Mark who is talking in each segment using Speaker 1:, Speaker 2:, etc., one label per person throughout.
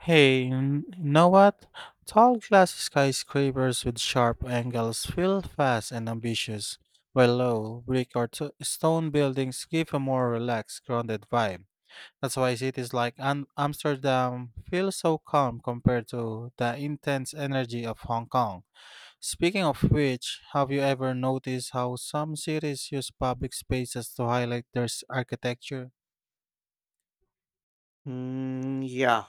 Speaker 1: Hey, you know what? Tall glass skyscrapers with sharp angles feel fast and ambitious, while low, brick or stone buildings give a more relaxed, grounded vibe. That's why cities like Amsterdam feel so calm compared to the intense energy of Hong Kong. Speaking of which, have you ever noticed how some cities use public spaces to highlight their architecture?
Speaker 2: Mm, yeah,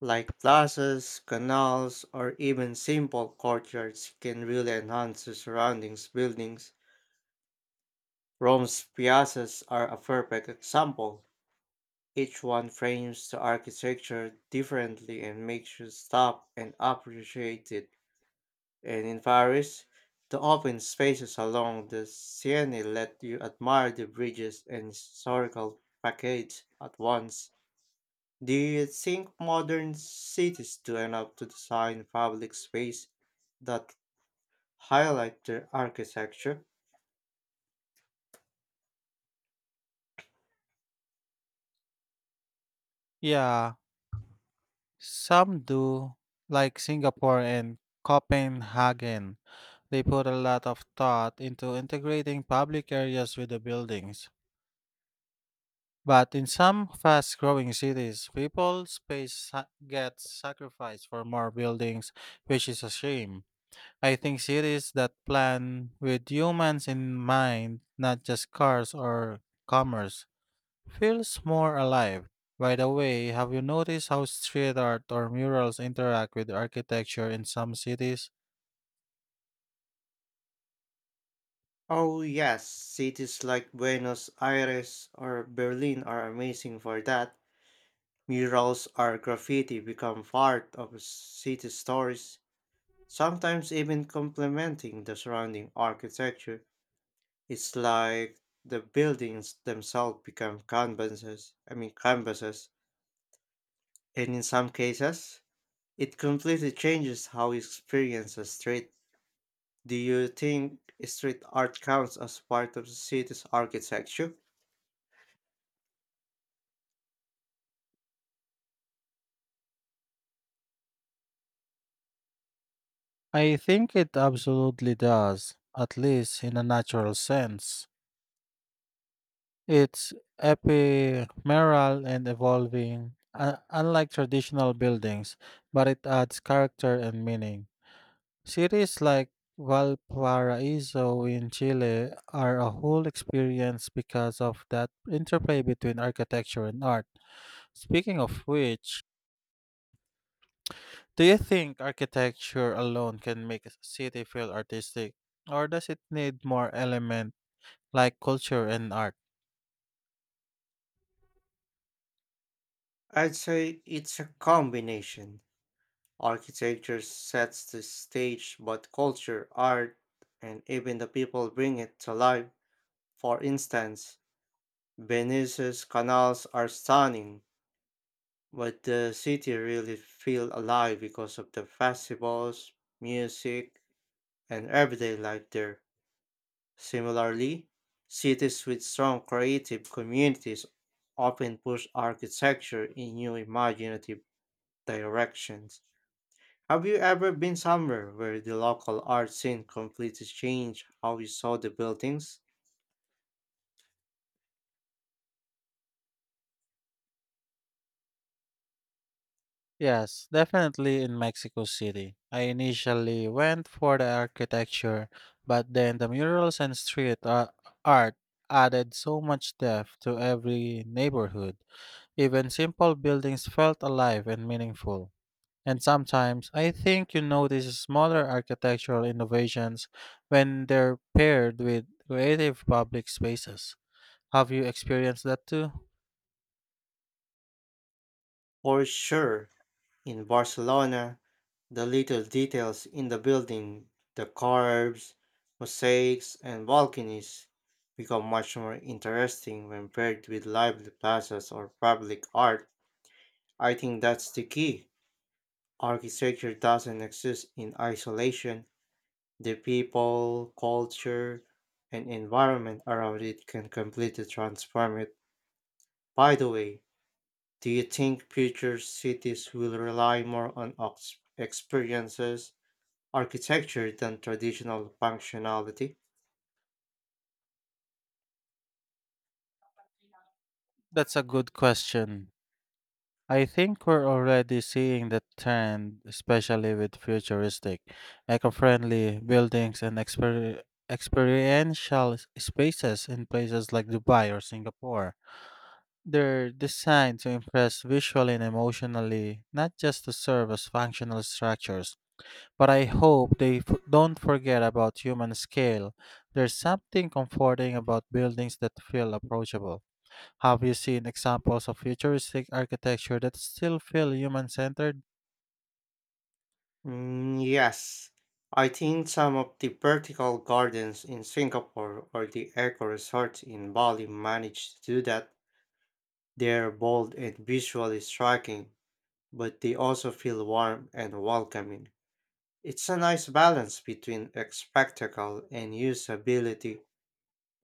Speaker 2: like plazas, canals, or even simple courtyards can really enhance the surroundings buildings. Rome's piazzas are a perfect example. Each one frames the architecture differently and makes you stop and appreciate it. And in Paris, the open spaces along the Seine let you admire the bridges and historical facades at once. Do you think modern cities do enough to design public space that highlight their architecture?
Speaker 1: Yeah, some do, like Singapore and Copenhagen. They put a lot of thought into integrating public areas with the buildings. But in some fast growing cities, people space gets sacrificed for more buildings, which is a shame. I think cities that plan with humans in mind, not just cars or commerce, feels more alive. By the way, have you noticed how street art or murals interact with architecture in some cities?
Speaker 2: Oh yes, cities like Buenos Aires or Berlin are amazing for that. Murals or graffiti become part of city stories, sometimes even complementing the surrounding architecture. It's like the buildings themselves become canvases, I mean canvases, and in some cases, it completely changes how you experience a street. Do you think street art counts as part of the city's architecture?
Speaker 1: I think it absolutely does, at least in a natural sense. It's ephemeral and evolving, unlike traditional buildings, but it adds character and meaning. Cities like Valparaiso in Chile are a whole experience because of that interplay between architecture and art. Speaking of which, do you think architecture alone can make a city feel artistic, or does it need more element like culture and art?
Speaker 2: I'd say it's a combination. Architecture sets the stage, but culture, art, and even the people bring it to life. For instance, Venice's canals are stunning, but the city really feels alive because of the festivals, music, and everyday life there. Similarly, cities with strong creative communities often push architecture in new imaginative directions. Have you ever been somewhere where the local art scene completely changed how you saw the buildings?
Speaker 1: Yes, definitely in Mexico City. I initially went for the architecture, but then the murals and art added so much depth to every neighborhood. Even simple buildings felt alive and meaningful. And sometimes I think you notice smaller architectural innovations when they're paired with creative public spaces. Have you experienced that too?
Speaker 2: For sure, in Barcelona, the little details in the building, the curves, mosaics, and balconies become much more interesting when paired with lively plazas or public art. I think that's the key. Architecture doesn't exist in isolation. The people, culture, and environment around it can completely transform it. By the way, do you think future cities will rely more on experiences, architecture than traditional functionality?
Speaker 1: That's a good question. I think we're already seeing the trend, especially with futuristic, eco friendly buildings and experiential spaces in places like Dubai or Singapore. They're designed to impress visually and emotionally, not just to serve as functional structures. But I hope they don't forget about human scale. There's something comforting about buildings that feel approachable. Have you seen examples of futuristic architecture that still feel human centered?
Speaker 2: Mm, yes, I think some of the vertical gardens in Singapore or the eco resorts in Bali manage to do that. They're bold and visually striking, but they also feel warm and welcoming. It's a nice balance between a spectacle and usability,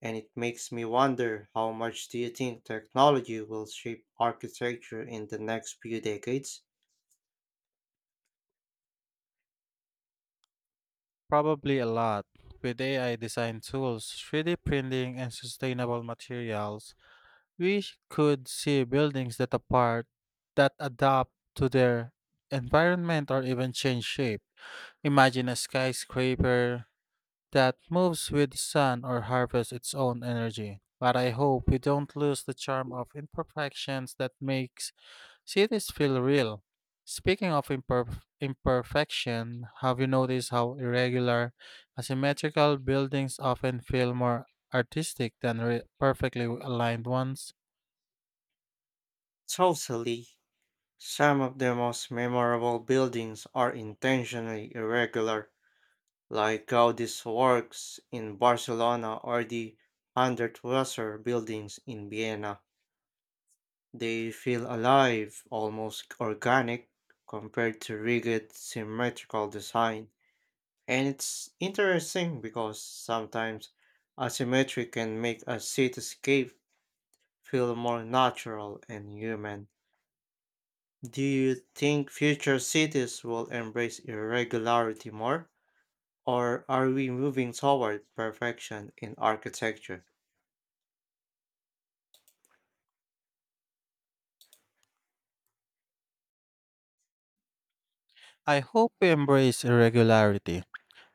Speaker 2: and it makes me wonder, how much do you think technology will shape architecture in the next few decades?
Speaker 1: Probably a lot. With AI design tools, 3D printing, and sustainable materials, could see buildings that adapt to their environment or even change shape. Imagine a skyscraper that moves with the sun or harvests its own energy. But I hope we don't lose the charm of imperfections that makes cities feel real. Speaking of imperfection, have you noticed how irregular, asymmetrical buildings often feel more artistic than perfectly aligned ones?
Speaker 2: Totally. Some of the most memorable buildings are intentionally irregular, like Gaudi's works in Barcelona or the Hundertwasser buildings in Vienna. They feel alive, almost organic, compared to rigid symmetrical design. And it's interesting because sometimes asymmetry can make a cityscape feel more natural and human. Do you think future cities will embrace irregularity more? Or are we moving toward perfection in architecture?
Speaker 1: I hope we embrace irregularity.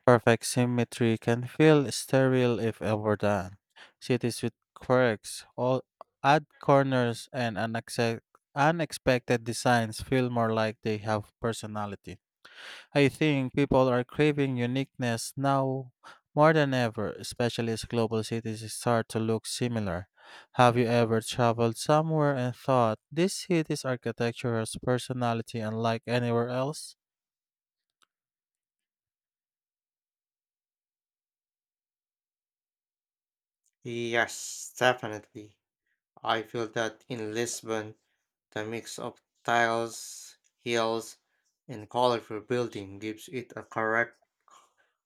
Speaker 1: Perfect symmetry can feel sterile if overdone. Cities with quirks, all odd corners, and unexpected designs feel more like they have personality. I think people are craving uniqueness now more than ever, especially as global cities start to look similar. Have you ever traveled somewhere and thought, this city's architecture has personality unlike anywhere else?
Speaker 2: Yes, definitely. I feel that in Lisbon, the mix of tiles, hills, and colorful building gives it a correct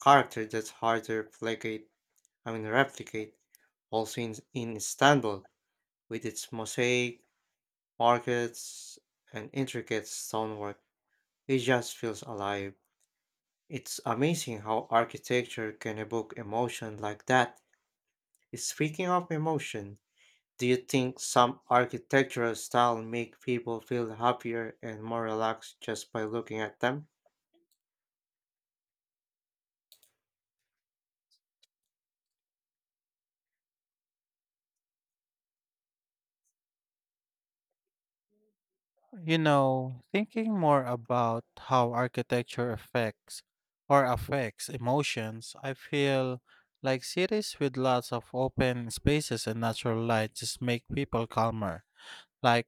Speaker 2: character that's hard to replicate. I mean, replicate. Also in Istanbul, with its mosaic markets and intricate stonework, it just feels alive. It's amazing how architecture can evoke emotion like that. Speaking of emotion, do you think some architectural style make people feel happier and more relaxed just by looking at them?
Speaker 1: You know, thinking more about how architecture affects or affects emotions, I feel like cities with lots of open spaces and natural light just make people calmer. Like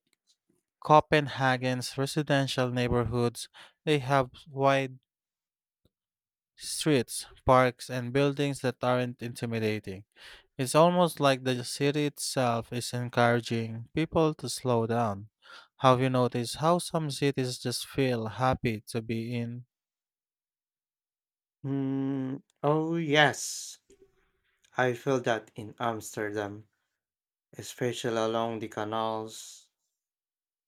Speaker 1: Copenhagen's residential neighborhoods, they have wide streets, parks, and buildings that aren't intimidating. It's almost like the city itself is encouraging people to slow down. Have you noticed how some cities just feel happy to be in?
Speaker 2: Hmm, oh yes, I feel that in Amsterdam, especially along the canals,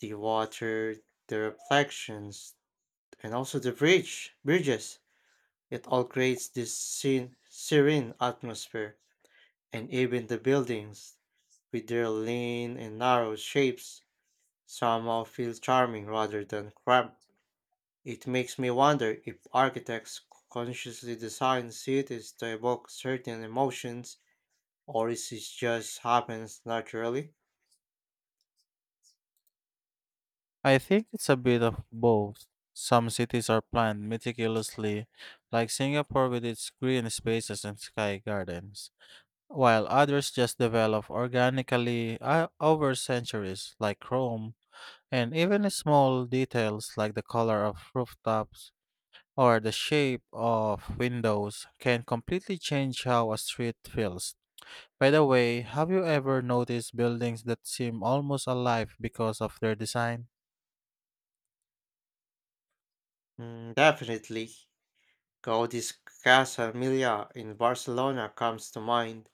Speaker 2: the water, the reflections, and also the bridges. It all creates this serene atmosphere, and even the buildings, with their lean and narrow shapes, somehow feel charming rather than cramped. It makes me wonder if architects consciously design cities to evoke certain emotions, or is it just happens naturally?
Speaker 1: I think it's a bit of both. Some cities are planned meticulously, like Singapore with its green spaces and sky gardens, while others just develop organically over centuries, like Rome. And even small details like the color of rooftops or the shape of windows can completely change how a street feels. By the way, have you ever noticed buildings that seem almost alive because of their design?
Speaker 2: Mm, definitely. Gaudi's Casa Emilia in Barcelona comes to mind.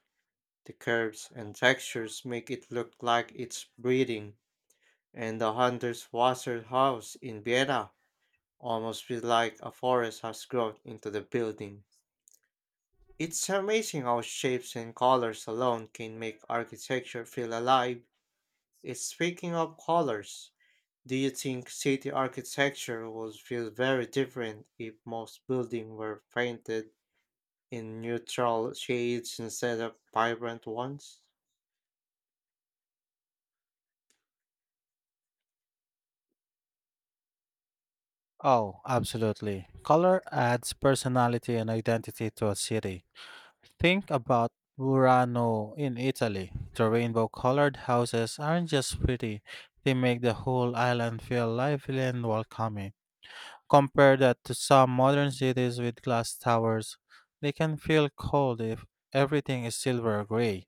Speaker 2: The curves and textures make it look like it's breathing, and the Hunter's Wasser House in Vienna almost feels like a forest has grown into the building. It's amazing how shapes and colors alone can make architecture feel alive. Speaking of colors, do you think city architecture would feel very different if most buildings were painted in neutral shades instead of vibrant ones?
Speaker 1: Oh, absolutely. Color adds personality and identity to a city. Think about Murano in Italy. The rainbow colored houses aren't just pretty, they make the whole island feel lively and welcoming. Compare that to some modern cities with glass towers. They can feel cold if everything is silver or gray.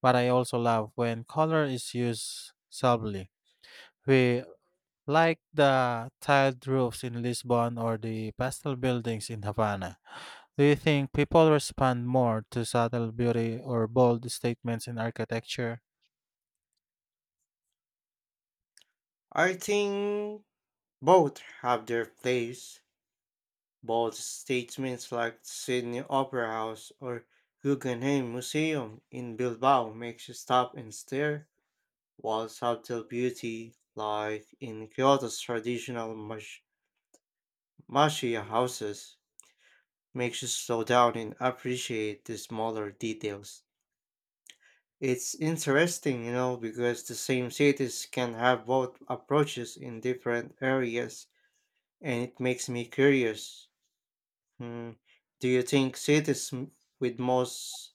Speaker 1: But I also love when color is used subtly. We like the tiled roofs in Lisbon or the pastel buildings in Havana. Do you think people respond more to subtle beauty or bold statements in architecture?
Speaker 2: I think both have their place. Bold statements like Sydney Opera House or Guggenheim Museum in Bilbao makes you stop and stare, while subtle beauty, like in Kyoto's traditional mashiya houses, makes you slow down and appreciate the smaller details. It's interesting, you know, because the same cities can have both approaches in different areas, and it makes me curious. Hmm, do you think cities with most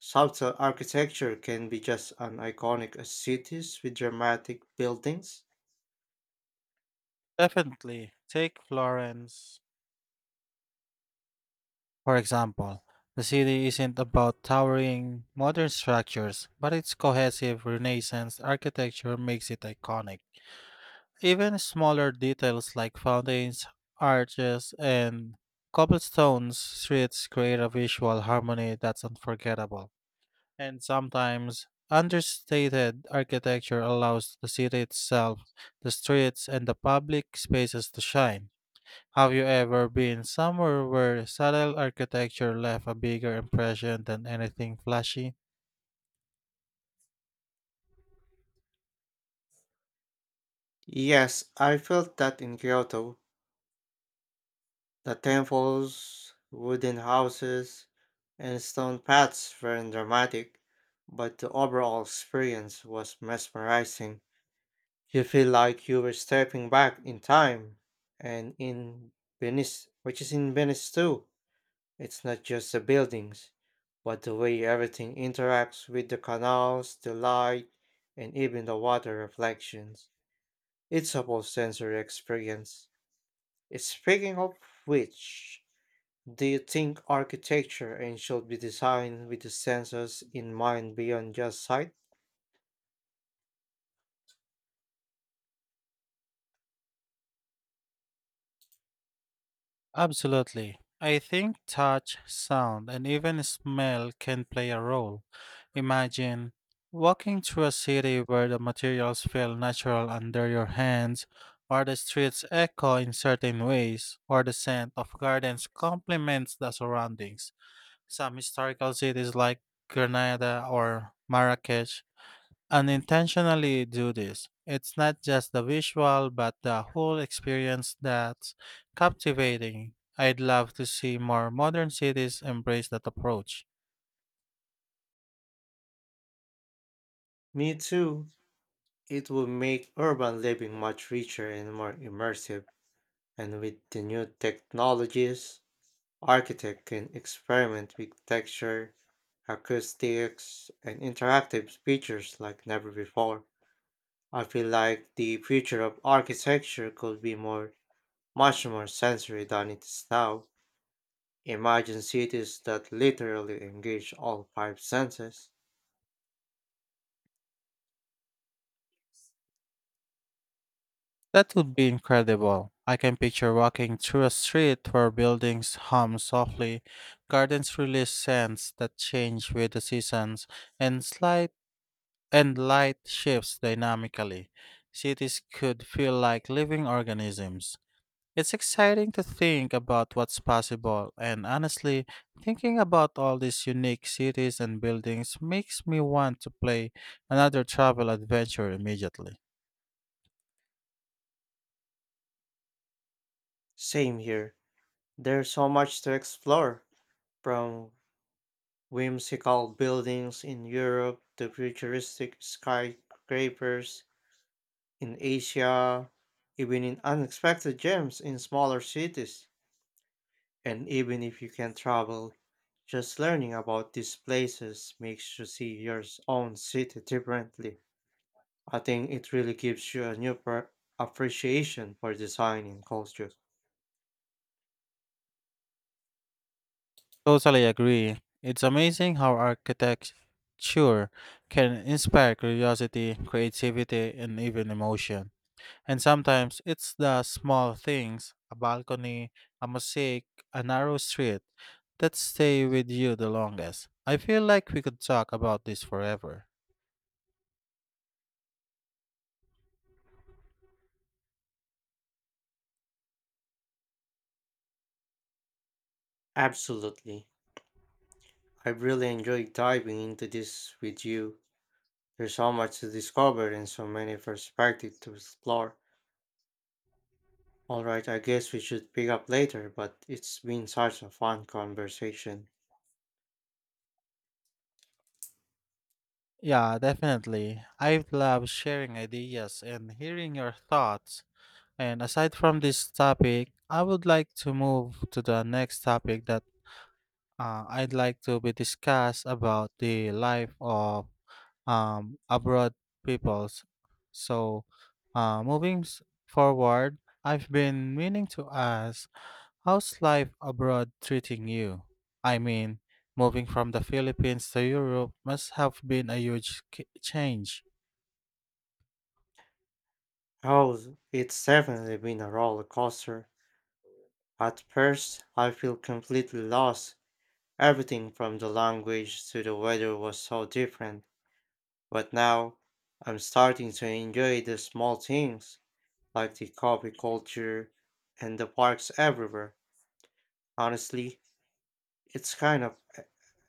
Speaker 2: subtle architecture can be just as iconic as cities with dramatic buildings?
Speaker 1: Definitely. Take Florence. For example, the city isn't about towering modern structures, but its cohesive Renaissance architecture makes it iconic. Even smaller details like fountains, arches, and cobblestones streets create a visual harmony that's unforgettable. And sometimes, understated architecture allows the city itself, the streets, and the public spaces to shine. Have you ever been somewhere where subtle architecture left a bigger impression than anything flashy?
Speaker 2: Yes, I felt that in Kyoto. The temples, wooden houses, and stone paths were dramatic, but the overall experience was mesmerizing. You feel like you were stepping back in time. And in Venice, which is in Venice too, it's not just the buildings, but the way everything interacts with the canals, the light, and even the water reflections. It's a whole sensory experience. Speaking of which, do you think architecture and should be designed with the sensors in mind beyond just sight?
Speaker 1: Absolutely. I think touch, sound, and even smell can play a role. Imagine walking through a city where the materials feel natural under your hands, or the streets echo in certain ways, or the scent of gardens complements the surroundings. Some historical cities like Granada or Marrakech unintentionally do this. It's not just the visual, but the whole experience that's captivating. I'd love to see more modern cities embrace that approach.
Speaker 2: Me too. It will make urban living much richer and more immersive. And with the new technologies, architect can experiment with texture, acoustics, and interactive features like never before. I feel like the future of architecture could be more, much more sensory than it is now. Imagine cities that literally engage all five senses.
Speaker 1: That would be incredible. I can picture walking through a street where buildings hum softly, gardens release scents that change with the seasons, and slight and light shifts dynamically. Cities could feel like living organisms. It's exciting to think about what's possible, and honestly, thinking about all these unique cities and buildings makes me want to play another travel adventure immediately.
Speaker 2: Same here. There's so much to explore, from whimsical buildings in Europe to futuristic skyscrapers in Asia, even in unexpected gems in smaller cities. And even if you can travel, just learning about these places makes you see your own city differently. I think it really gives you a new appreciation for design and culture.
Speaker 1: Totally agree. It's amazing how architecture can inspire curiosity, creativity, and even emotion. And sometimes it's the small things, a balcony, a mosaic, a narrow street, that stay with you the longest. I feel like we could talk about this forever.
Speaker 2: Absolutely. I really enjoyed diving into this with you. There's so much to discover and so many perspectives to explore. Alright, I guess we should pick up later, but it's been such a fun conversation.
Speaker 1: Yeah, definitely. I love sharing ideas and hearing your thoughts. And aside from this topic, I would like to move to the next topic that I'd like to be discussed about the life of abroad peoples. So, moving forward, I've been meaning to ask, how's life abroad treating you? I mean, moving from the Philippines to Europe must have been a huge change.
Speaker 2: Oh, it's definitely been a roller coaster. At first, I feel completely lost. Everything from the language to the weather was so different. But now I'm starting to enjoy the small things like the coffee culture and the parks everywhere. Honestly, it's kind of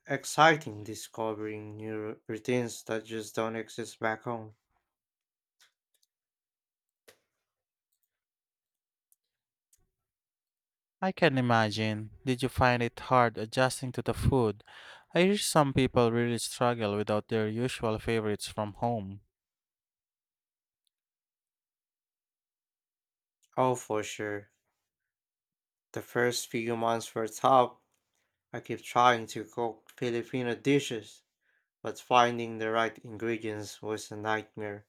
Speaker 2: exciting discovering new routines that just don't exist back home.
Speaker 1: I can imagine. Did you find it hard adjusting to the food? I hear some people really struggle without their usual favorites from home.
Speaker 2: Oh, for sure. The first few months were tough. I kept trying to cook Filipino dishes, but finding the right ingredients was a nightmare.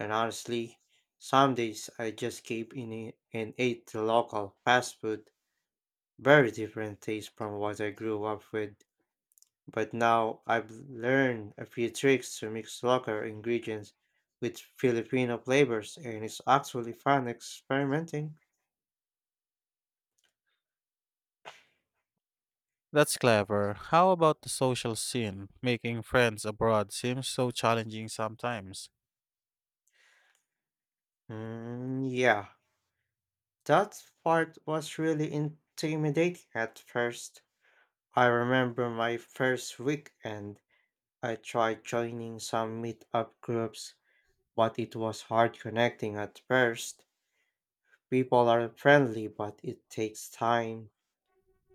Speaker 2: And honestly, some days I just gave in it and ate the local fast food. Very different taste from what I grew up with, but now I've learned a few tricks to mix local ingredients with Filipino flavors, and it's actually fun experimenting.
Speaker 1: That's clever. How about the social scene? Making friends abroad seems so challenging sometimes.
Speaker 2: Mm, yeah, that part was really intimidating at first. I remember my first week and I tried joining some meetup groups, but it was hard connecting at first. People are friendly, but it takes time.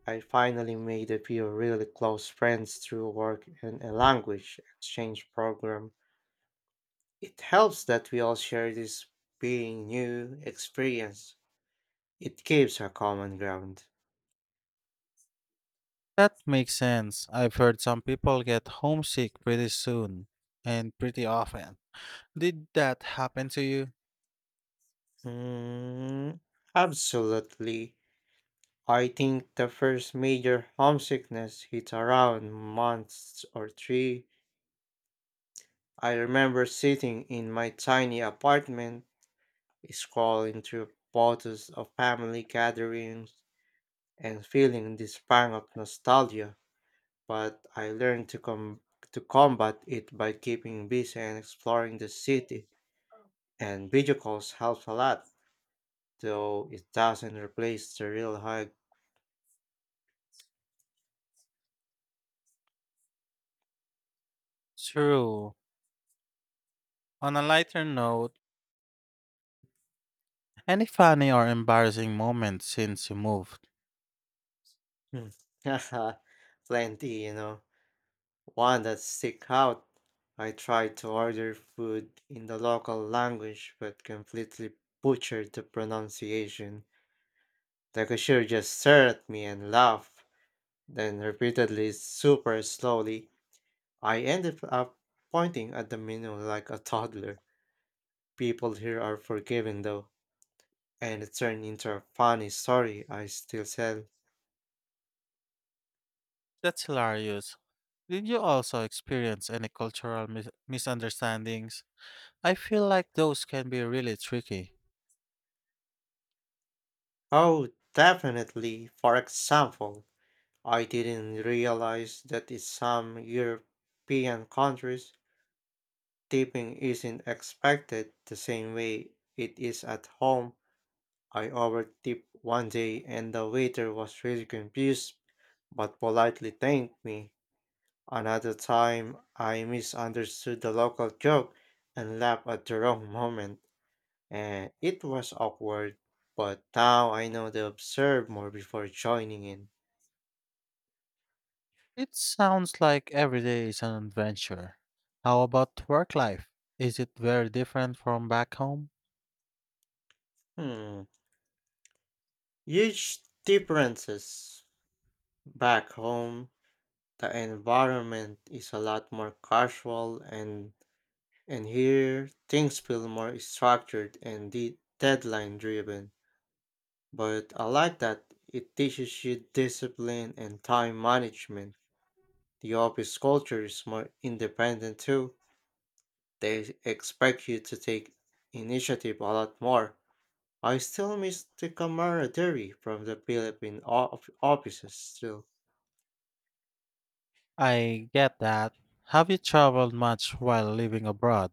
Speaker 2: I finally made a few really close friends through work and a language exchange program. It helps that we all share this being new experience. It gives a common ground.
Speaker 1: That makes sense. I've heard some people get homesick pretty soon and pretty often. Did that happen to you?
Speaker 2: Mm, absolutely. I think the first major homesickness hit around months or three. I remember sitting in my tiny apartment, scrolling through photos of family gatherings and feeling this pang of nostalgia, but I learned to to combat it by keeping busy and exploring the city. And video calls helps a lot, though it doesn't replace the real hug.
Speaker 1: True. On a lighter note, any funny or embarrassing moments since you moved?
Speaker 2: Hmm. Plenty, you know. One that stick out. I tried to order food in the local language, but completely butchered the pronunciation. The cashier just stared at me and laughed, then repeatedly super slowly. I ended up pointing at the menu like a toddler. People here are forgiving though, and it turned into a funny story I still tell.
Speaker 1: That's hilarious. Did you also experience any cultural misunderstandings? I feel like those can be really tricky.
Speaker 2: Oh, definitely. For example, I didn't realize that in some European countries, tipping isn't expected the same way it is at home. I overtipped one day and the waiter was really confused but politely thanked me. Another time, I misunderstood the local joke and laughed at the wrong moment, and it was awkward. But now I know to observe more before joining in.
Speaker 1: It sounds like every day is an adventure. How about work life? Is it very different from back home?
Speaker 2: Hmm. Huge differences. Back home, the environment is a lot more casual, and here things feel more structured and deadline driven. But I like that it teaches you discipline and time management. The office culture is more independent too. They expect you to take initiative a lot more. I still miss the camaraderie from the Philippine offices still.
Speaker 1: I get that. Have you traveled much while living abroad?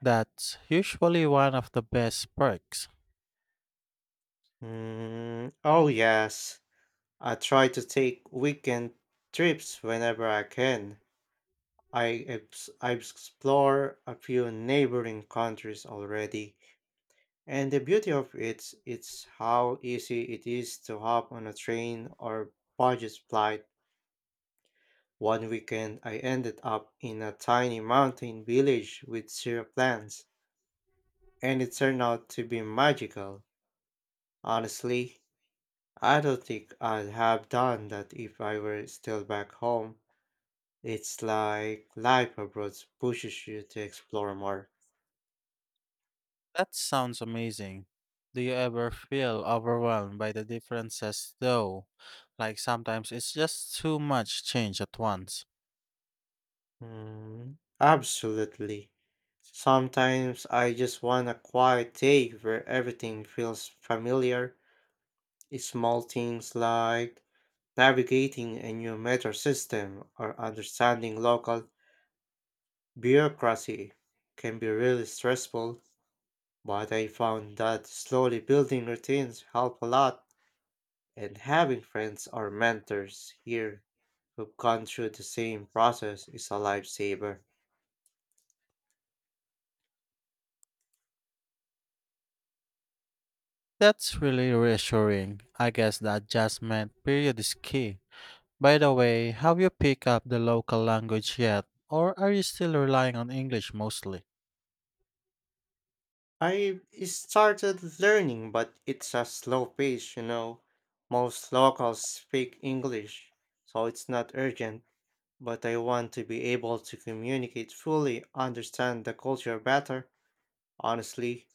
Speaker 1: That's usually one of the best perks.
Speaker 2: Mm, oh yes. I try to take weekend trips whenever I can. I explore a few neighboring countries already, and the beauty of it is how easy it is to hop on a train or budget flight. One weekend, I ended up in a tiny mountain village with zero plants, and it turned out to be magical. Honestly, I don't think I'd have done that if I were still back home. It's like life abroad pushes you to explore more.
Speaker 1: That sounds amazing. Do you ever feel overwhelmed by the differences though? Like sometimes it's just too much change at once.
Speaker 2: Mm, absolutely. Sometimes I just want a quiet day where everything feels familiar. Small things like navigating a new metro system or understanding local bureaucracy can be really stressful, but I found that slowly building routines help a lot, and having friends or mentors here who gone through the same process is a lifesaver.
Speaker 1: That's really reassuring. I guess the adjustment period is key. By the way, have you picked up the local language yet, or are you still relying on English mostly?
Speaker 2: I started learning, but it's a slow pace, you know. Most locals speak English, so it's not urgent. But I want to be able to communicate fully, understand the culture better. Honestly,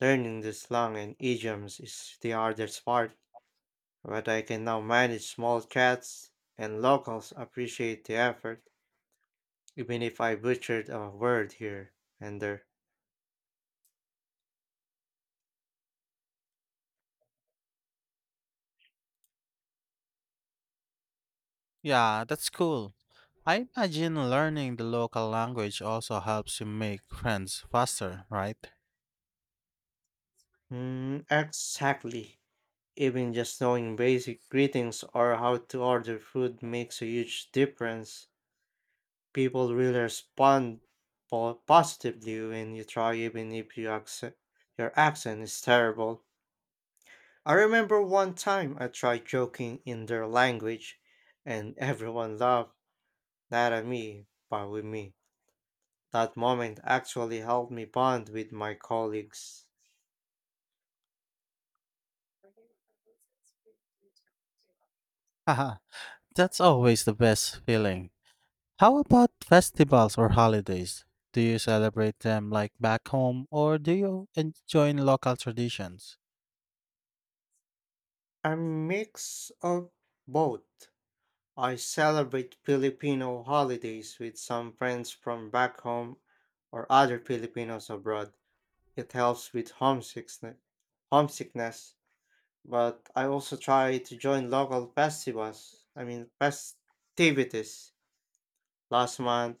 Speaker 2: learning the slang and idioms is the hardest part, but I can now manage small chats, and locals appreciate the effort, even if I butchered a word here and there.
Speaker 1: Yeah, that's cool. I imagine learning the local language also helps you make friends faster, right?
Speaker 2: Mm, exactly. Even just knowing basic greetings or how to order food makes a huge difference. People really respond positively when you try, even if you accent, your accent is terrible. I remember one time I tried joking in their language, and everyone laughed, not at me, but with me. That moment actually helped me bond with my colleagues.
Speaker 1: Haha, that's always the best feeling. How about festivals or holidays? Do you celebrate them like back home, or do you enjoy local traditions?
Speaker 2: A mix of both. I celebrate Filipino holidays with some friends from back home or other Filipinos abroad. It helps with homesickness, but I also try to join local festivals, I mean festivities. Last month,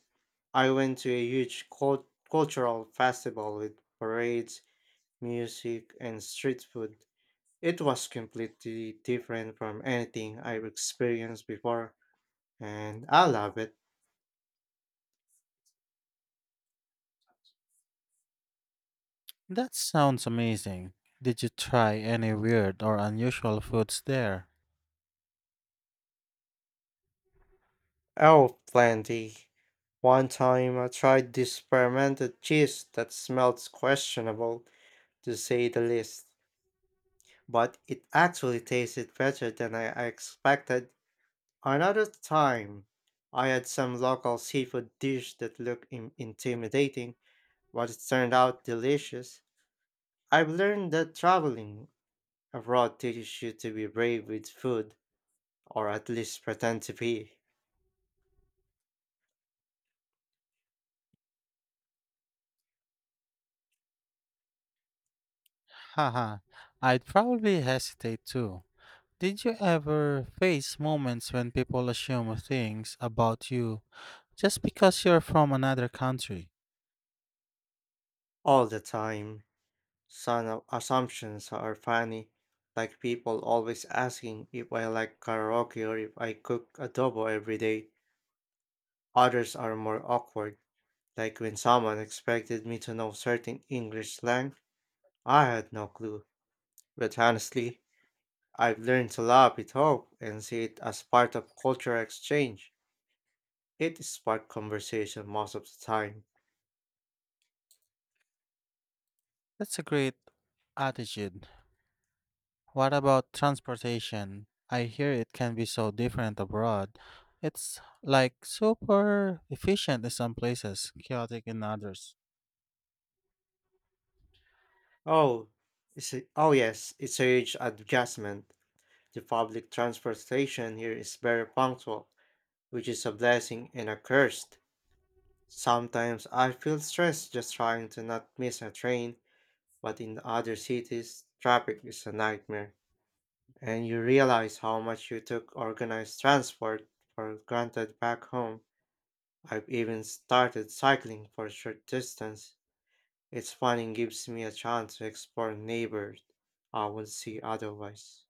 Speaker 2: I went to a huge cultural festival with parades, music, and street food. It was completely different from anything I've experienced before, and I love it.
Speaker 1: That sounds amazing. Did you try any weird or unusual foods there?
Speaker 2: Oh, plenty. One time I tried this fermented cheese that smelled questionable, to say the least, but it actually tasted better than I expected. Another time, I had some local seafood dish that looked intimidating, but it turned out delicious. I've learned that traveling abroad teaches you to be brave with food, or at least pretend to be,
Speaker 1: Haha, I'd probably hesitate too. Did you ever face moments when people assume things about you just because you're from another country?
Speaker 2: all the time. Some assumptions are funny, like people always asking if I like karaoke or if I cook adobo every day. Others are more awkward, like when someone expected me to know certain English slang, I had no clue. But honestly, I've learned to laugh it off and see it as part of cultural exchange. It sparks conversation most of the time.
Speaker 1: That's a great attitude. What about transportation? I hear it can be so different abroad. It's like super efficient in some places, chaotic in others.
Speaker 2: Oh, oh yes, it's a huge adjustment. The public transportation here is very punctual, which is a blessing and a curse. Sometimes I feel stressed just trying to not miss a train, but in other cities, traffic is a nightmare, and you realize how much you took organized transport for granted back home. I've even started cycling for short distance. It's fun and gives me a chance to explore neighbors I wouldn't see otherwise.